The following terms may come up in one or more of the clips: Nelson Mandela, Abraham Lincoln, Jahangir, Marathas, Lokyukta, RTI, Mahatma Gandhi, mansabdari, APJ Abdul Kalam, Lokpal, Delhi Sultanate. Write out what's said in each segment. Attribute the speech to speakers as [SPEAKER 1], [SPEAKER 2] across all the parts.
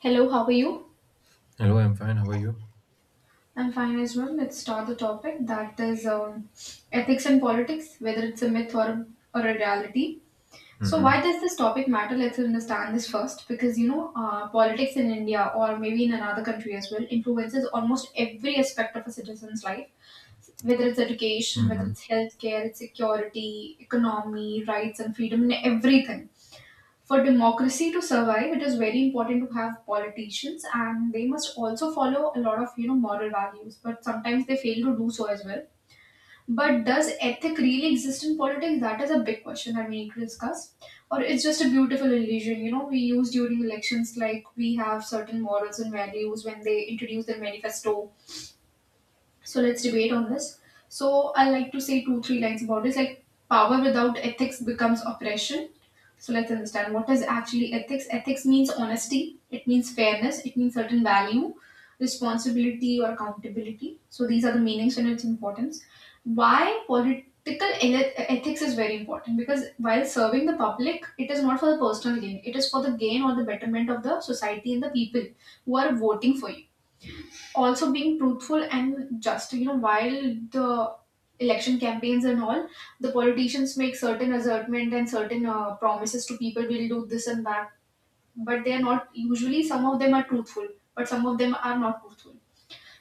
[SPEAKER 1] Hello, how are you?
[SPEAKER 2] Hello, I'm fine. How are you?
[SPEAKER 1] I'm fine as well. Let's start the topic that is ethics and politics, whether it's a myth or or a reality. So, why
[SPEAKER 2] Mm-hmm.
[SPEAKER 1] does this topic matter? Let's understand this first because politics in India or maybe in another country as well influences almost every aspect of a citizen's life, whether it's education, whether
[SPEAKER 2] Mm-hmm.
[SPEAKER 1] it's healthcare, it's security, economy, rights, and freedom, and everything. For democracy to survive, it is very important to have politicians, and they must also follow a lot of moral values. But sometimes they fail to do so as well. But does ethic really exist in politics? That is a big question that we need to discuss. Or it's just a beautiful illusion, we use during elections. Like we have certain morals and values when they introduce their manifesto, so let's debate on this. So I like to say two, three lines about this. Like power without ethics becomes oppression. So let's understand what is actually ethics. Ethics means honesty, it means fairness, it means certain value, responsibility or accountability. So these are the meanings and its importance. Why ethics is very important, because while serving the public, it is not for the personal gain, it is for the gain or the betterment of the society and the people who are voting for you, also being truthful and just, while the election campaigns and all, the politicians make certain assertment and certain promises to people, we'll do this and that, but they are not usually, some of them are truthful, but some of them are not truthful.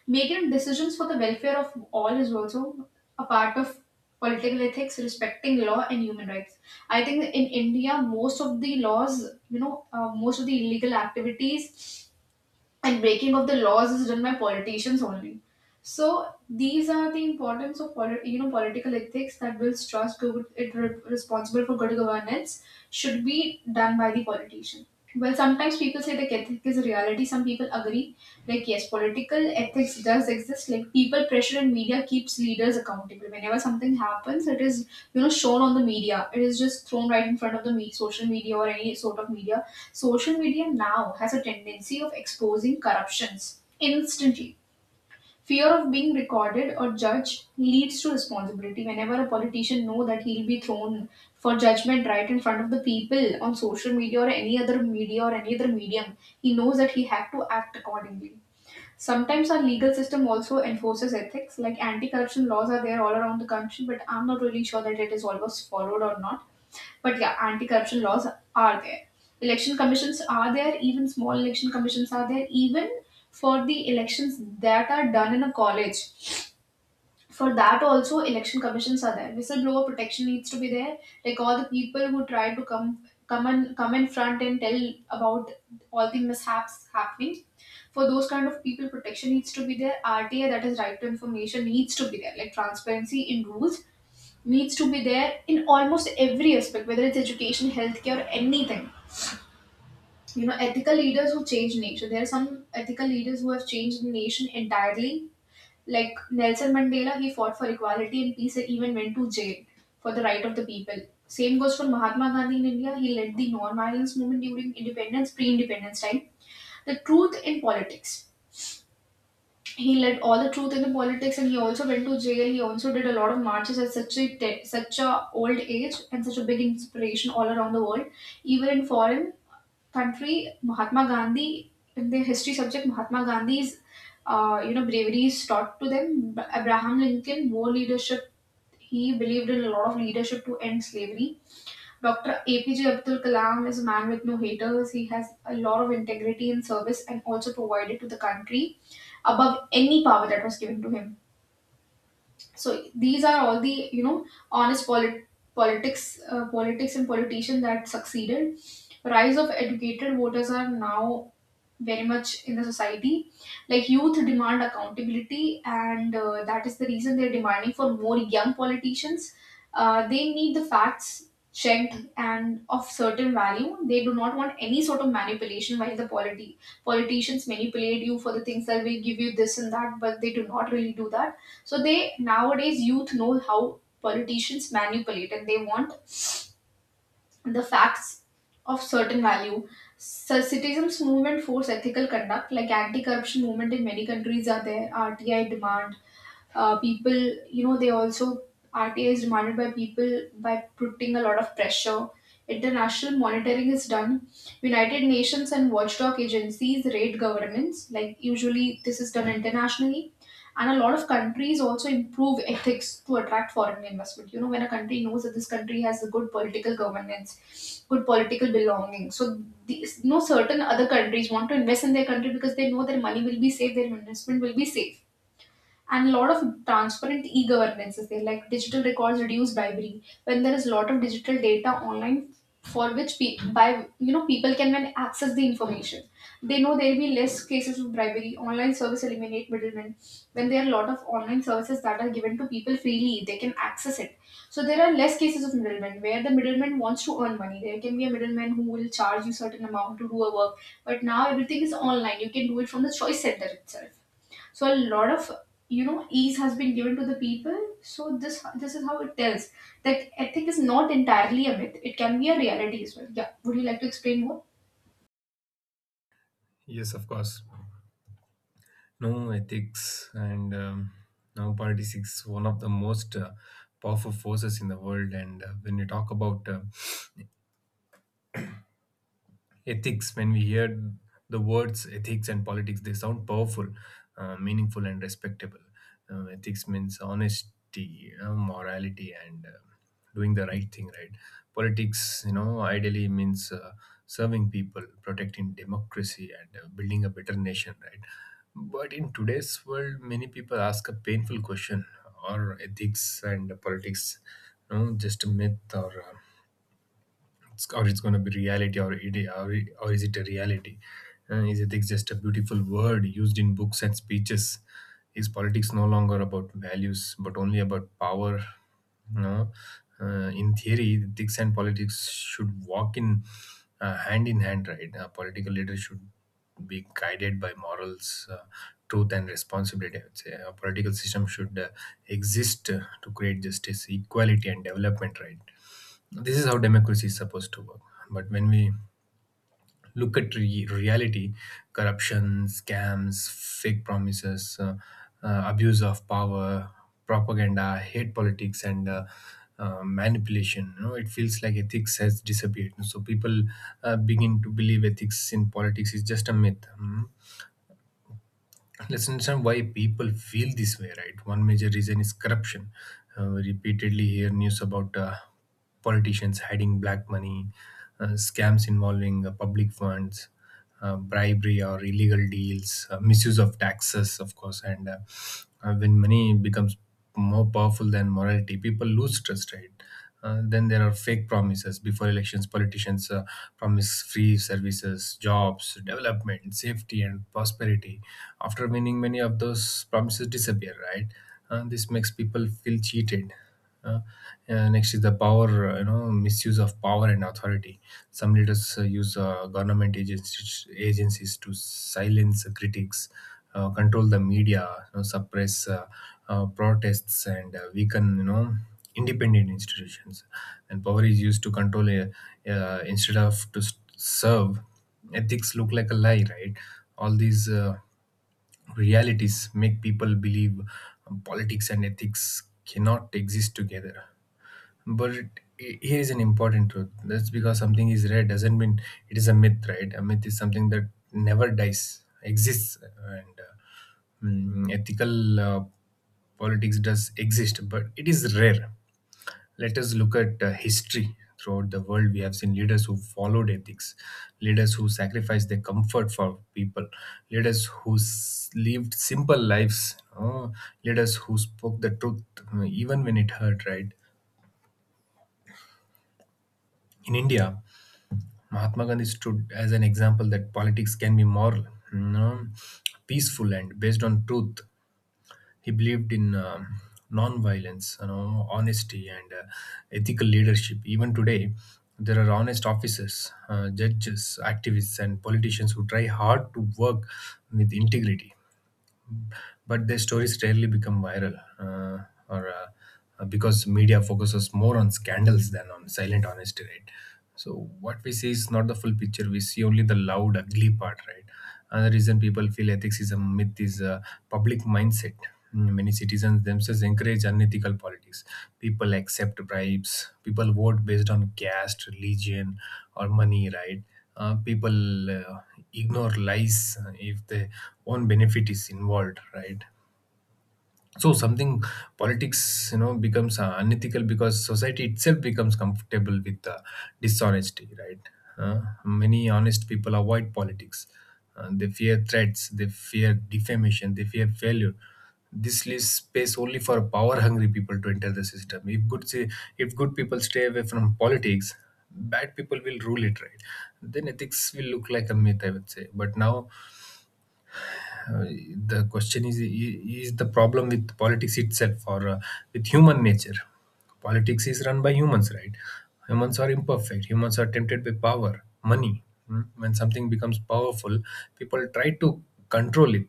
[SPEAKER 1] Making decisions for the welfare of all is also a part of political ethics, respecting law and human rights. I think in India most of the laws, most of the illegal activities and breaking of the laws is done by politicians only. So these are the importance of political ethics that builds trust. Good, responsible for good governance should be done by the politician. Well, sometimes people say the ethic is a reality. Some people agree, like yes, political ethics does exist. Like people pressure and media keeps leaders accountable. Whenever something happens, it is shown on the media. It is just thrown right in front of the social media or any sort of media. Social media now has a tendency of exposing corruptions instantly. Fear of being recorded or judged leads to responsibility. Whenever a politician knows that he'll be thrown for judgment right in front of the people on social media or any other media or any other medium, he knows that he had to act accordingly. Sometimes our legal system also enforces ethics, like anti corruption laws are there all around the country, but I'm not really sure that it is always followed or not. But yeah, anti corruption laws are there. Election commissions are there, even small election commissions are there, even for the elections that are done in a college, for that also election commissions are there. Whistleblower protection needs to be there, like all the people who try to come in front and tell about all the mishaps happening, for those kind of people protection needs to be there. RTA, that is right to information, needs to be there, like transparency in rules needs to be there in almost every aspect, whether it's education, healthcare, or anything. Ethical leaders who change nature, there are some ethical leaders who have changed the nation entirely, like Nelson Mandela, he fought for equality and peace and even went to jail for the right of the people. Same goes for Mahatma Gandhi in India. He led the non-violence movement during independence, pre-independence time. The truth in politics. He led all the truth in the politics, and he also went to jail. He also did a lot of marches at such such a old age and such a big inspiration all around the world, even in foreign country. Mahatma Gandhi, in their history subject, Mahatma Gandhi's bravery is taught to them. Abraham Lincoln, more leadership. He believed in a lot of leadership to end slavery. Dr. APJ Abdul Kalam is a man with no haters. He has a lot of integrity in service and also provided to the country above any power that was given to him. So these are all the honest politics, politics and politicians that succeeded. Rise of educated voters are now very much in the society, like youth demand accountability, and that is the reason they're demanding for more young politicians. They need the facts checked and of certain value. They do not want any sort of manipulation while the polity politicians manipulate you for the things that will give you this and that, but they do not really do that. So they, nowadays youth know how politicians manipulate and they want the facts of certain value. So citizens' movement force ethical conduct, like anti-corruption movement in many countries are there, RTI demand, people, they also, RTA is demanded by people by putting a lot of pressure. International monitoring is done. United Nations and watchdog agencies rate governments. Like usually, this is done internationally, and a lot of countries also improve ethics to attract foreign investment. You know, when a country knows that this country has a good political governance, good political belonging, so these no certain other countries want to invest in their country because they know their money will be safe, their investment will be safe, and a lot of transparent e-governances there, like digital records reduce bribery when there is a lot of digital data online, for which pe- by you know people can then access the information, they know there will be less cases of bribery. Online service eliminate middlemen. When there are a lot of online services that are given to people freely, they can access it. So there are less cases of middlemen where the middleman wants to earn money. There can be a middleman who will charge you certain amount to do a work, but now everything is online, you can do it from the choice center itself. So a lot of ease has been given to the people. So this is how it tells that ethic is not entirely a myth, it can be a reality as well. Yeah, would you like to explain more?
[SPEAKER 2] Yes, of course. No Ethics and no politics is one of the most powerful forces in the world. And when you talk about ethics, when we hear the words ethics and politics, they sound powerful, meaningful and respectable. Ethics means honesty, morality and doing the right thing, right? Politics, you know, ideally means serving people, protecting democracy and building a better nation, right? But in today's world, many people ask a painful question: are ethics and politics, you know, just a myth or it's going to be reality, or or is it a reality? And is ethics just a beautiful word used in books and speeches? Is politics no longer about values but only about power? No. In theory, ethics and politics should walk in hand in hand, right? A political leader should be guided by morals, truth and responsibility, I would say. A political system should exist to create justice, equality and development, right? This is how democracy is supposed to work. But when we look at reality, corruption, scams, fake promises, abuse of power, propaganda, hate politics and manipulation, you know, it feels like ethics has disappeared. So people begin to believe ethics in politics is just a myth. Let's understand why people feel this way, right? One major reason is corruption. We repeatedly hear news about politicians hiding black money, scams involving public funds, bribery or illegal deals, misuse of taxes, of course. And when money becomes more powerful than morality, people lose trust, right? Then there are fake promises. Before elections, politicians promise free services, jobs, development, safety, and prosperity. After winning, many of those promises disappear, right? This makes people feel cheated. Uh, Next is the power, you know, misuse of power and authority. Some leaders use government agencies to silence critics, control the media, you know, suppress protests, and weaken, you know, independent institutions. And power is used to control instead of to serve. Ethics look like a lie, right? All these realities make people believe politics and ethics cannot exist together. But here is an important truth: that's because something is rare doesn't mean it is a myth, right? A myth is something that never dies exists. and uh, Ethical politics does exist, but it is rare. Let us look at history. Throughout the world, we have seen leaders who followed ethics, leaders who sacrificed their comfort for people, leaders who lived simple lives, leaders who spoke the truth, even when it hurt, right? In India, Mahatma Gandhi stood as an example that politics can be moral, you know, peaceful and based on truth. He believed in non-violence, you know, honesty, and ethical leadership. Even today, there are honest officers, judges, activists, and politicians who try hard to work with integrity, but their stories rarely become viral, or because media focuses more on scandals than on silent honesty, right? So what we see is not the full picture. We see only the loud, ugly part, right? Another reason people feel ethics is a myth is a public mindset. Many citizens themselves encourage unethical politics. People accept bribes. People vote based on caste, religion, or money, right? People ignore lies if their own benefit is involved, right? So something, politics, you know, becomes unethical because society itself becomes comfortable with dishonesty, right? Uh, Many honest people avoid politics. They fear threats, they fear defamation, they fear failure. This leaves space only for power hungry people to enter the system. If good people stay away from politics, bad people will rule it, right? Then ethics will look like a myth, I would say. But now uh, the question is the problem with politics itself or with human nature? Politics is run by humans, right? Humans are imperfect, humans are tempted by power, money. Mm. When something becomes powerful, people try to control it.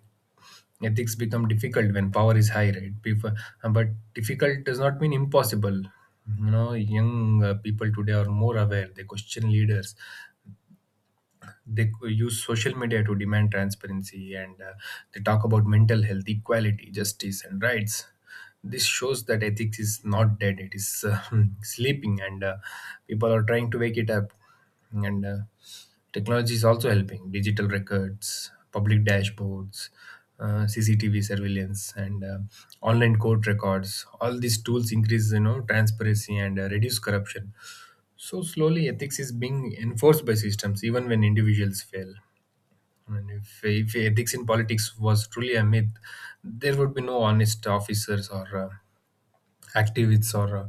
[SPEAKER 2] Ethics become difficult when power is high, right, but difficult does not mean impossible, you know. Young people today are more aware, they question leaders, they use social media to demand transparency, and they talk about mental health, equality, justice and rights. This shows that ethics is not dead, it is sleeping, and people are trying to wake it up. And technology is also helping: digital records, public dashboards, CCTV surveillance, and online court records. All these tools increase, you know, transparency and reduce corruption. So slowly, ethics is being enforced by systems, even when individuals fail. And if ethics in politics was truly a myth, there would be no honest officers or activists or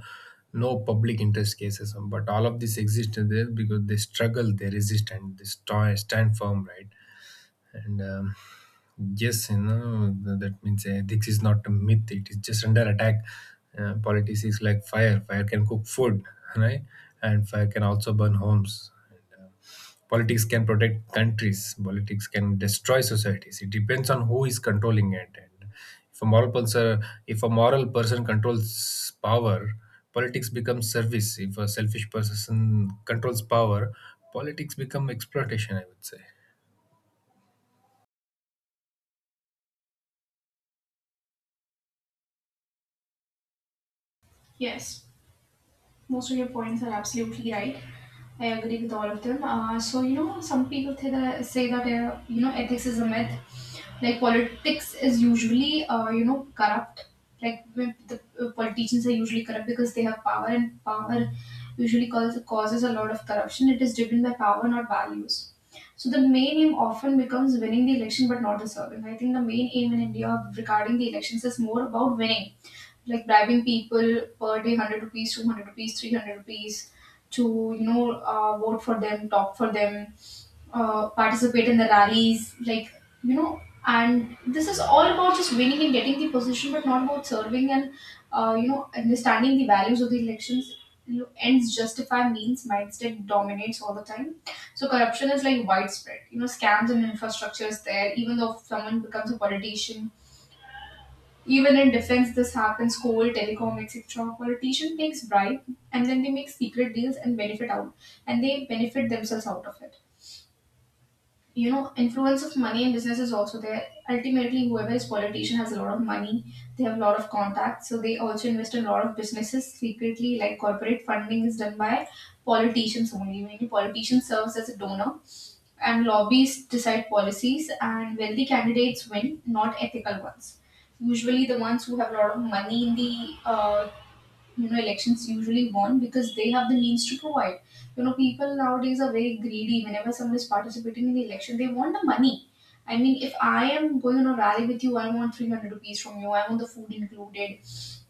[SPEAKER 2] no public interest cases. But all of this exists there because they struggle, they resist, and they stand firm, right? And Yes, you know, that means ethics is not a myth, it is just under attack. Politics is like fire can cook food, right? And fire can also burn homes. And, politics can protect countries, politics can destroy societies. It depends on who is controlling it. And if a moral person controls power, politics becomes service. If a selfish person controls power, politics become exploitation, I would say.
[SPEAKER 1] Yes. Most of your points are absolutely right. I agree with all of them. So some people say that ethics is a myth. Like politics is usually corrupt. Like when the politicians are usually corrupt because they have power, and power usually causes a lot of corruption. It is driven by power, not values. So the main aim often becomes winning the election, but not the serving. I think the main aim in India regarding the elections is more about winning, like bribing people per day 100 rupees, 200 rupees, 300 rupees to you know vote for them, talk for them, participate in the rallies, you know and this is all about just winning and getting the position, but not about serving and understanding the values of the elections. You know, ends justify means mindset dominates all the time. So corruption is like widespread, scams and infrastructure is there, even though if someone becomes a politician, even in defense, this happens. Coal, telecom, etc. A politician takes bribe and then they make secret deals and benefit themselves out of it. You know, influence of money in business is also there. Ultimately, whoever is politician has a lot of money. They have a lot of contacts, so they also invest in a lot of businesses secretly. Like corporate funding is done by politicians only. Many politician serves as a donor, and lobbies decide policies, and wealthy candidates win, not ethical ones. Usually the ones who have a lot of money in the elections usually won because they have the means to provide. You know, people nowadays are very greedy. Whenever someone is participating in the election, they want the money. I mean, if I am going on a rally with you, I want 300 rupees from you, I want the food included.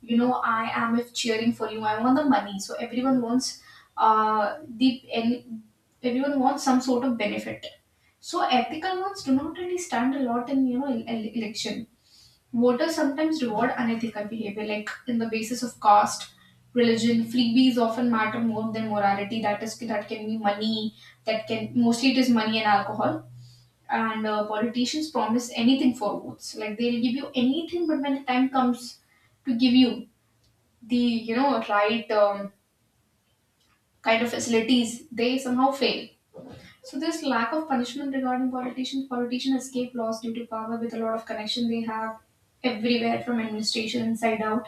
[SPEAKER 1] You know, I am if cheering for you, I want the money. So everyone wants the and everyone wants some sort of benefit. So ethical ones do not really stand a lot in election. Voters sometimes reward unethical behavior, like in the basis of caste, religion. Freebies often matter more than morality. That is, that can be money. That can mostly it is money and alcohol. And politicians promise anything for votes. Like they'll give you anything, but when the time comes to give you the right kind of facilities, they somehow fail. So this lack of punishment regarding politicians, politicians escape laws due to power with a lot of connection they have everywhere from administration inside out.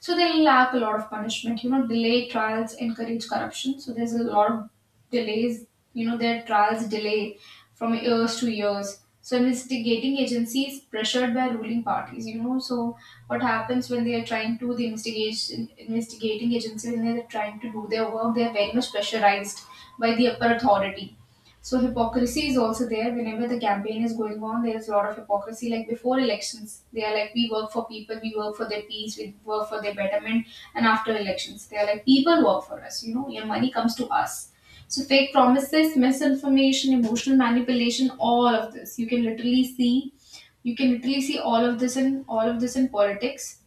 [SPEAKER 1] So they lack a lot of punishment. You know, delay trials encourage corruption. So there's a lot of delays. You know, their trials delay from years to years. So investigating agencies pressured by ruling parties. You know, so what happens when they are trying to the investigation investigating agency when they are trying to do their work? They are very much pressurized by the upper authority so hypocrisy is also there. Whenever the campaign is going on, there's a lot of hypocrisy. Like before elections, they are like, we work for people, we work for their peace, we work for their betterment. And after elections, they are like, people work for us. You know, your money comes to us. So fake promises, misinformation, emotional manipulation, all of this. You can literally see, you can literally see all of this in politics.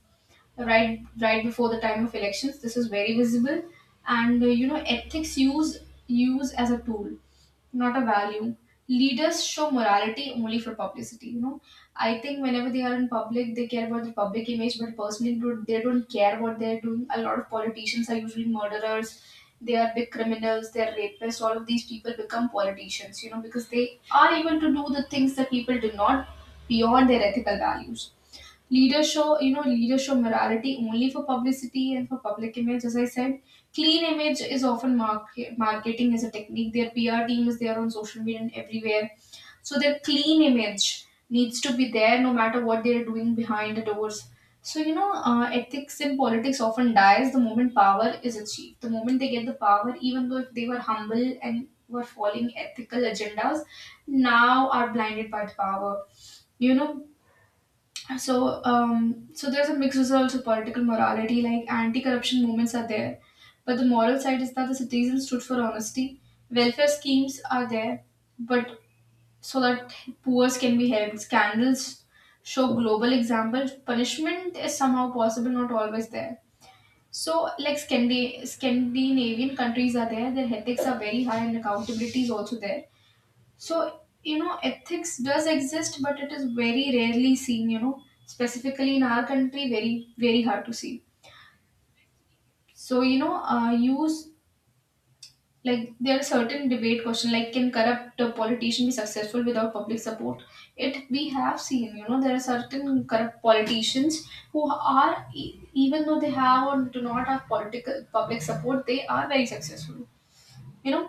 [SPEAKER 1] Right, right before the time of elections, this is very visible. Ethics use as a tool not a value. Leaders show morality only for publicity. You know, I think whenever they are in public, they care about the public image, but personally, they don't care what they're doing. A lot of politicians are usually murderers. They are big criminals. They're rapists. All of these people become politicians. You know, because they are able to do the things that people do not beyond their ethical values. Leaders show, morality only for publicity and for public image, as I said. Clean image is often marketing as a technique. Their PR team is there on social media and everywhere. So their clean image needs to be there no matter what they're doing behind the doors. Ethics in politics often dies the moment power is achieved. The moment they get the power, even though if they were humble and were following ethical agendas, now are blinded by the power. You know, so there's a mix results of also political morality like anti-corruption movements are there, but the moral side is that the citizens stood for honesty. Welfare schemes are there, but so that poor can be helped. Scandals show global examples, punishment is somehow possible, not always there. So like scandinavian countries are there, their ethics are very high and accountability is also there. So, you know, ethics does exist, but it is very rarely seen, you know, specifically in our country, very, very hard to see. So, you know, use Like there are certain debate question like, can corrupt a politician be successful without public support? It, we have seen, you know, there are certain corrupt politicians who are even though they have or do not have political public support, they are very successful, you know.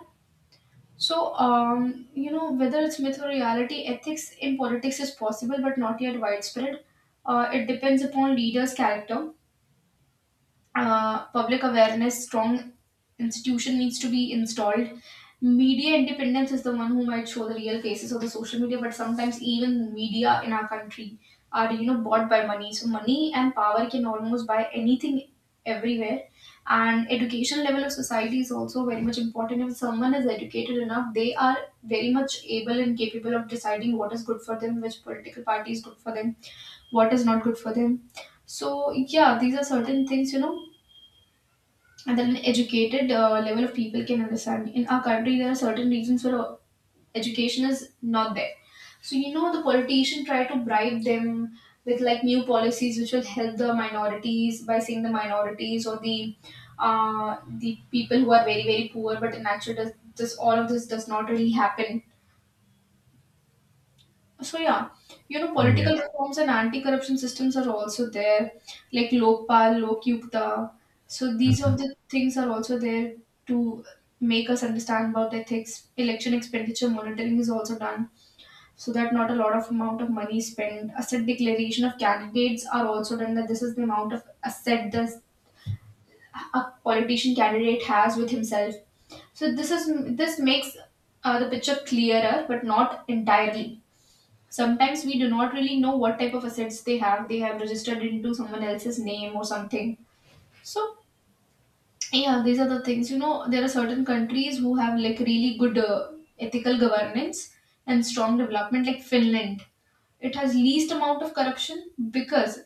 [SPEAKER 1] Whether it's myth or reality, ethics in politics is possible but not yet widespread. It depends upon leaders' character, public awareness, strong institution needs to be installed. Media independence is the one who might show the real faces of the social media, but sometimes even media in our country are, you know, bought by money. So money and power can almost buy anything everywhere. And education level of society is also very much important. If someone is educated enough, they are very much able and capable of deciding what is good for them, which political party is good for them, what is not good for them. So yeah, these are certain things, you know, and then an educated level of people can understand. In our country, there are certain regions where education is not there. So you know the politician try to bribe them with like new policies which will help the minorities by saying the minorities or the people who are very very poor. But in actual, this all of this does not really happen, so yeah, you know,
[SPEAKER 2] Yeah.
[SPEAKER 1] political reforms and anti-corruption systems are also there, like Lokpal, Lokyukta. So these of the things are also there to make us understand about ethics. Election expenditure monitoring is also done, so that not a lot of amount of money is spent. Asset declaration of candidates are also done. That this is the amount of asset this a politician candidate has with himself. So this is, this makes the picture clearer, but not entirely. Sometimes we do not really know what type of assets they have, they have registered into someone else's name or something. So yeah, these are the things, you know, there are certain countries who have like really good ethical governance and strong development, like Finland. It has least amount of corruption because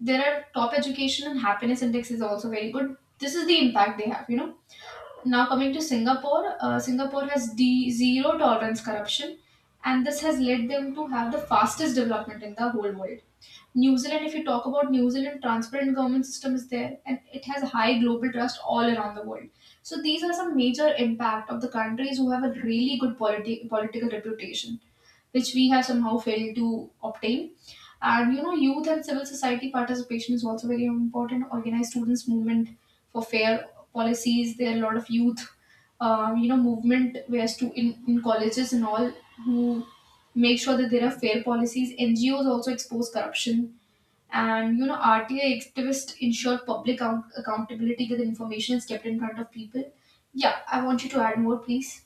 [SPEAKER 1] there are top education and happiness index is also very good. This is the impact they have, you know. Now coming to Singapore, Singapore has zero tolerance corruption, and this has led them to have the fastest development in the whole world. New Zealand, if you talk about New Zealand, transparent government system is there, and it has high global trust all around the world. So these are some major impact of the countries who have a really good political reputation, which we have somehow failed to obtain. And you know, youth and civil society participation is also very important. Organize students' movement for fair policies. There are a lot of youth, you know, movement where in colleges and all who make sure that there are fair policies. NGOs also expose corruption. And you know, RTA activists ensure accountability that information is kept in front of people. Yeah, I want you to add more, please.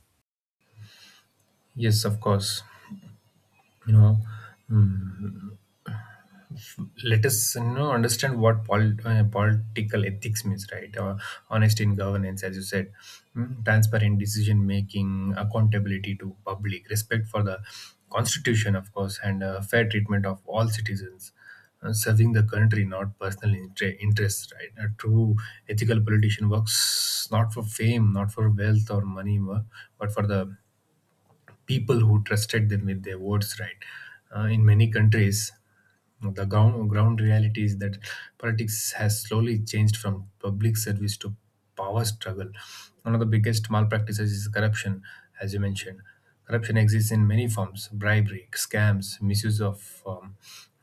[SPEAKER 2] Yes, of course. You know, mm, let us, you know, understand what political ethics means, right? Honesty in governance, as you said, transparent decision making, accountability to public, respect for the constitution, of course, and fair treatment of all citizens. Uh, serving the country, not personal interests, right? A true ethical politician works not for fame, not for wealth or money, but for the people who trusted them with their words, right? In many countries, the ground reality is that politics has slowly changed from public service to power struggle. One of the biggest malpractices is corruption, as you mentioned. Corruption exists in many forms: bribery, scams, misuse of um,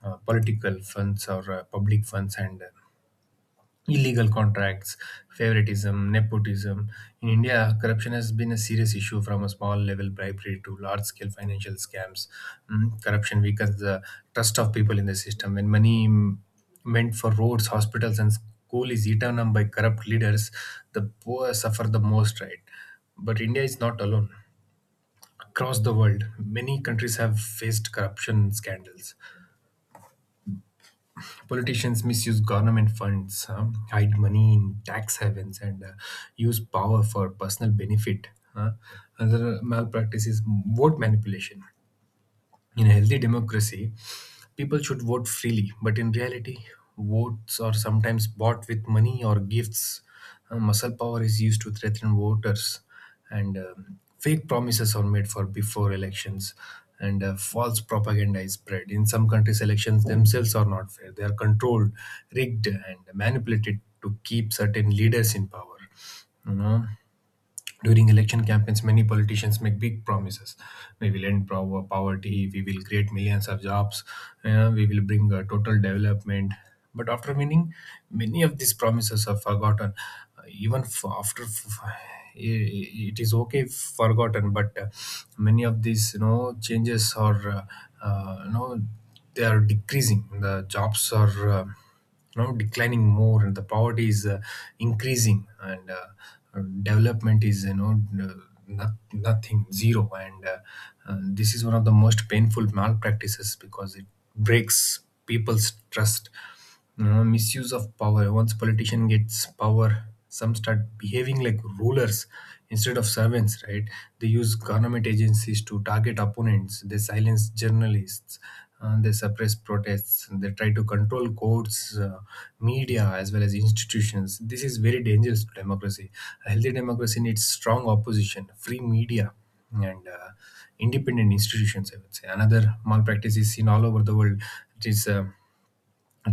[SPEAKER 2] uh, political funds or public funds, and illegal contracts, favoritism, nepotism. In India, corruption has been a serious issue, from a small level bribery to large scale financial scams. Corruption weakens the trust of people in the system. When money, meant for roads, hospitals, and school, is eaten up by corrupt leaders, the poor suffer the most, right? But India is not alone. Across the world, many countries have faced corruption scandals. Politicians misuse government funds, hide money in tax havens, and use power for personal benefit. uh. Another malpractice is vote manipulation. In a healthy democracy, people should vote freely, but in reality, votes are sometimes bought with money or gifts. Muscle power is used to threaten voters, and fake promises are made for before elections, and false propaganda is spread. In some countries, elections themselves are not fair; they are controlled, rigged, and manipulated to keep certain leaders in power. You know, during election campaigns, many politicians make big promises. We will end poverty, we will create millions of jobs, we will bring total development. But after winning, many of these promises are forgotten. Even f- after f- I- It is okay if forgotten, but many of these, you know, changes are, you know, they are decreasing. The jobs are. You know, declining more, and the poverty is increasing, and development is, you know, nothing zero, and this is one of the most painful malpractices because it breaks people's trust. You know, misuse of power: once politician gets power, some start behaving like rulers instead of servants, right? They use government agencies to target opponents, they silence journalists, they suppress protests, and they try to control courts, media as well as institutions. This is very dangerous to democracy. A healthy democracy needs strong opposition, free media, and independent institutions, I would say. Another malpractice is seen all over the world, it is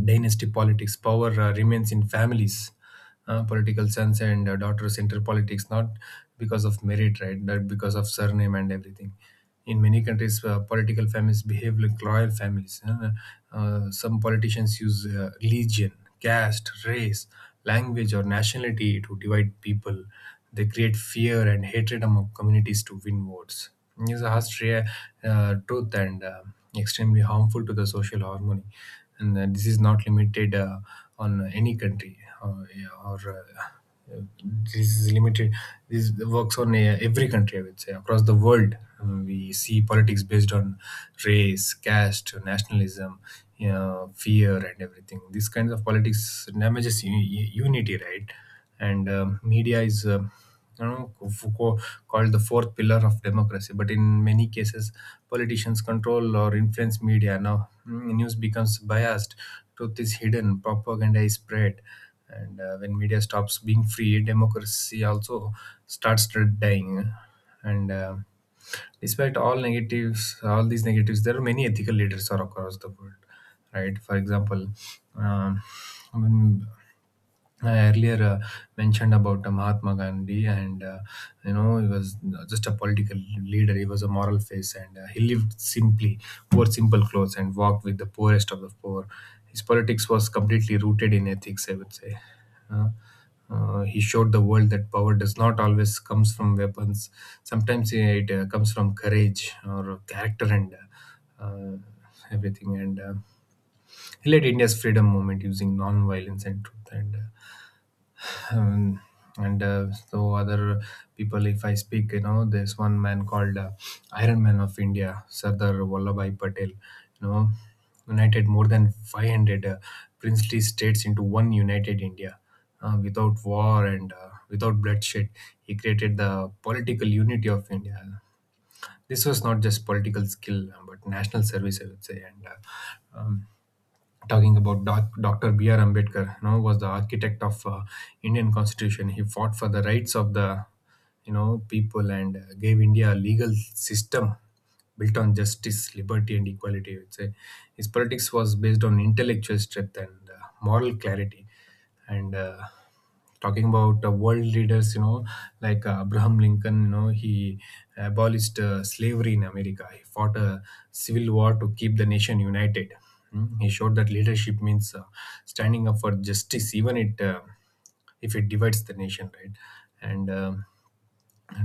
[SPEAKER 2] dynasty politics. Power remains in families, political sons and daughters enter politics not because of merit, right? But because of surname and everything. In many countries, political families behave like royal families. Some politicians use religion, caste, race, language, or nationality to divide people. They create fear and hatred among communities to win votes. It is a truth and extremely harmful to the social harmony, and this is not limited on any country, yeah, or this is limited this works on every country, I would say, across the world. We see politics based on race, caste, nationalism, you know, fear and everything. These kinds of politics damages unity, right? and Media is, you know, Foucault called the fourth pillar of democracy. But in many cases, politicians control or influence media. Now, news becomes biased, truth is hidden, propaganda is spread, and when media stops being free, democracy also starts dying. And Despite all negatives, all these negatives, there are many ethical leaders are across the world, right? For example. Um, I earlier mentioned about Mahatma Gandhi, and you know, he was just a political leader. He was a moral face, and he lived simply, wore simple clothes, and walked with the poorest of the poor. His politics was completely rooted in ethics, I would say. Uh, he showed the world that power does not always comes from weapons. Sometimes it comes from courage or character and uh, uh, everything. And he led India's freedom movement using non-violence and truth. Um, and So other people, if I speak, you know, there's one man called, iron man of India, Sardar Vallabhai Patel. You know, united more than 500 princely states into one united India, without war and without bloodshed. He created the political unity of India. This was not just political skill, but national service, I would say. And Talking about Dr. B.R. Ambedkar, you know, was the architect of Indian Constitution. He fought for the rights of the, you know, people, and gave India a legal system built on justice, liberty, and equality. I would say his politics was based on intellectual strength and moral clarity, and. Talking about world leaders, you know, like Abraham Lincoln. You know, he abolished slavery in America. He fought a civil war to keep the nation united. He showed that leadership means standing up for justice, even it if it divides the nation, right? and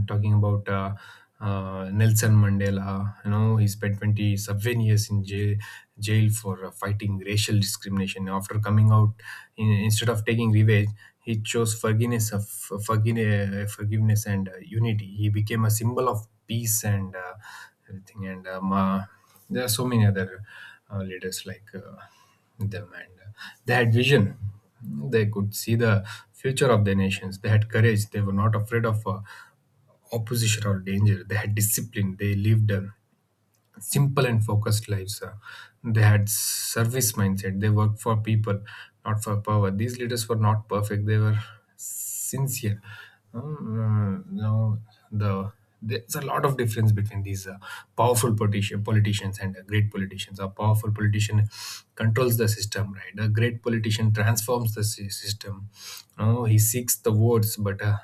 [SPEAKER 2] Talking about Nelson Mandela. You know, he spent 27 years in jail, for fighting racial discrimination. After coming out, instead of taking revenge, he chose forgiveness and unity. He became a symbol of peace and everything. And There are so many other leaders like them, and they had vision. They could see the future of their nations. They had courage. They were not afraid of. Opposition or danger. They had discipline. They lived simple and focused lives. They had service mindset. They worked for people, not for power. These leaders were not perfect. They were sincere. You know, the there's a lot of difference between these politicians and great politicians. A powerful politician controls the system, right? A great politician transforms the system. You, he seeks the votes, but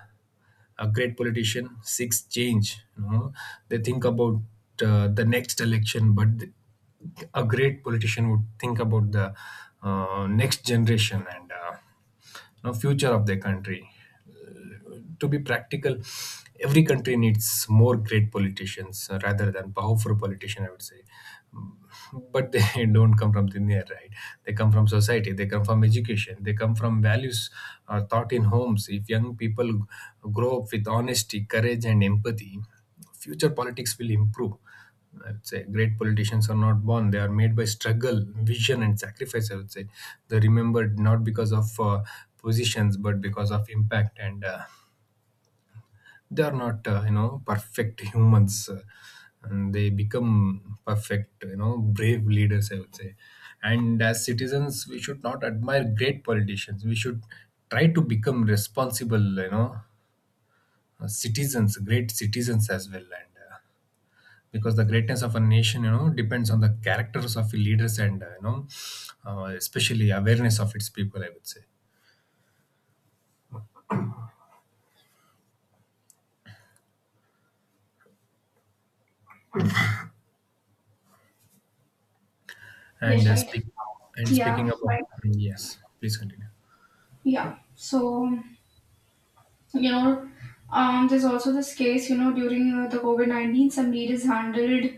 [SPEAKER 2] a great politician seeks change. You know, they think about the next election, but a great politician would think about the next generation and you know, future of their country. To be practical, every country needs more great politicians rather than powerful politician, I would say. But they don't come from thin air, right? They come from society, they come from education, they come from values taught in homes. If young people grow up with honesty, courage and empathy, future politics will improve. I would say great politicians are not born; they are made by struggle, vision, and sacrifice. I would say they're remembered not because of positions but because of impact, and they are not you know, perfect humans, and they become perfect, you know, brave leaders, I would say. And as citizens we should not admire great politicians, we should try to become responsible, you know, citizens, great citizens as well. And because the greatness of a nation, you know, depends on the characters of the leaders and, you know, especially awareness of its people, I would say. And
[SPEAKER 1] Yes, right.
[SPEAKER 2] speak and
[SPEAKER 1] Yeah,
[SPEAKER 2] Speaking about,
[SPEAKER 1] right.
[SPEAKER 2] yes please continue,
[SPEAKER 1] Yeah. So you know, there's also this case, you know, during the covid-19 some lead is handled.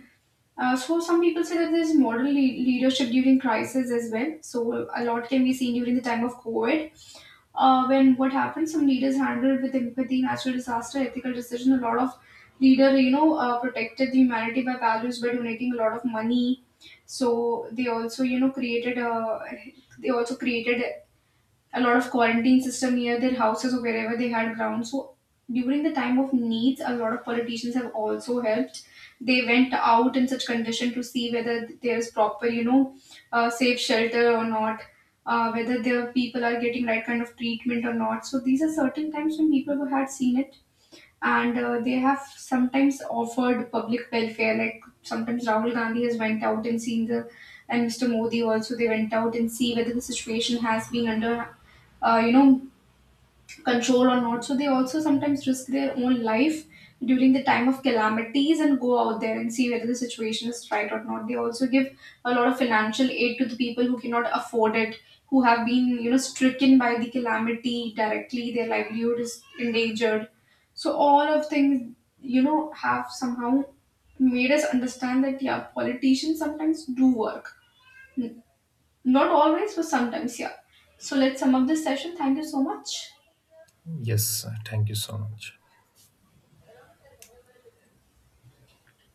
[SPEAKER 1] So some people say that there's model leadership during crisis as well, so a lot can be seen during the time of covid. When what happened, some leaders handled with empathy, natural disaster, ethical decision. A lot of leader, you know, protected the humanity by values, by donating a lot of money. So they also, you know, created a they also created a lot of quarantine system near their houses or wherever they had ground. So during the time of needs, a lot of politicians have also helped. They went out in such condition to see whether there is proper, you know, safe shelter or not, whether their people are getting right kind of treatment or not. So these are certain times when people who had seen it, and they have sometimes offered public welfare, like sometimes Rahul Gandhi has went out and seen the, and Mr. Modi also, they went out and see whether the situation has been under uh, you know control or not. So they also sometimes risk their own life during the time of calamities and go out there and see whether the situation is right or not. They also give a lot of financial aid to the people who cannot afford it, who have been, you know, stricken by the calamity directly, their livelihood is endangered. So all of things, you know, have somehow made us understand that yeah, politicians sometimes do work. N- Not always, but sometimes, yeah. So let's sum up this session. Thank you so much.
[SPEAKER 2] yes thank you so much.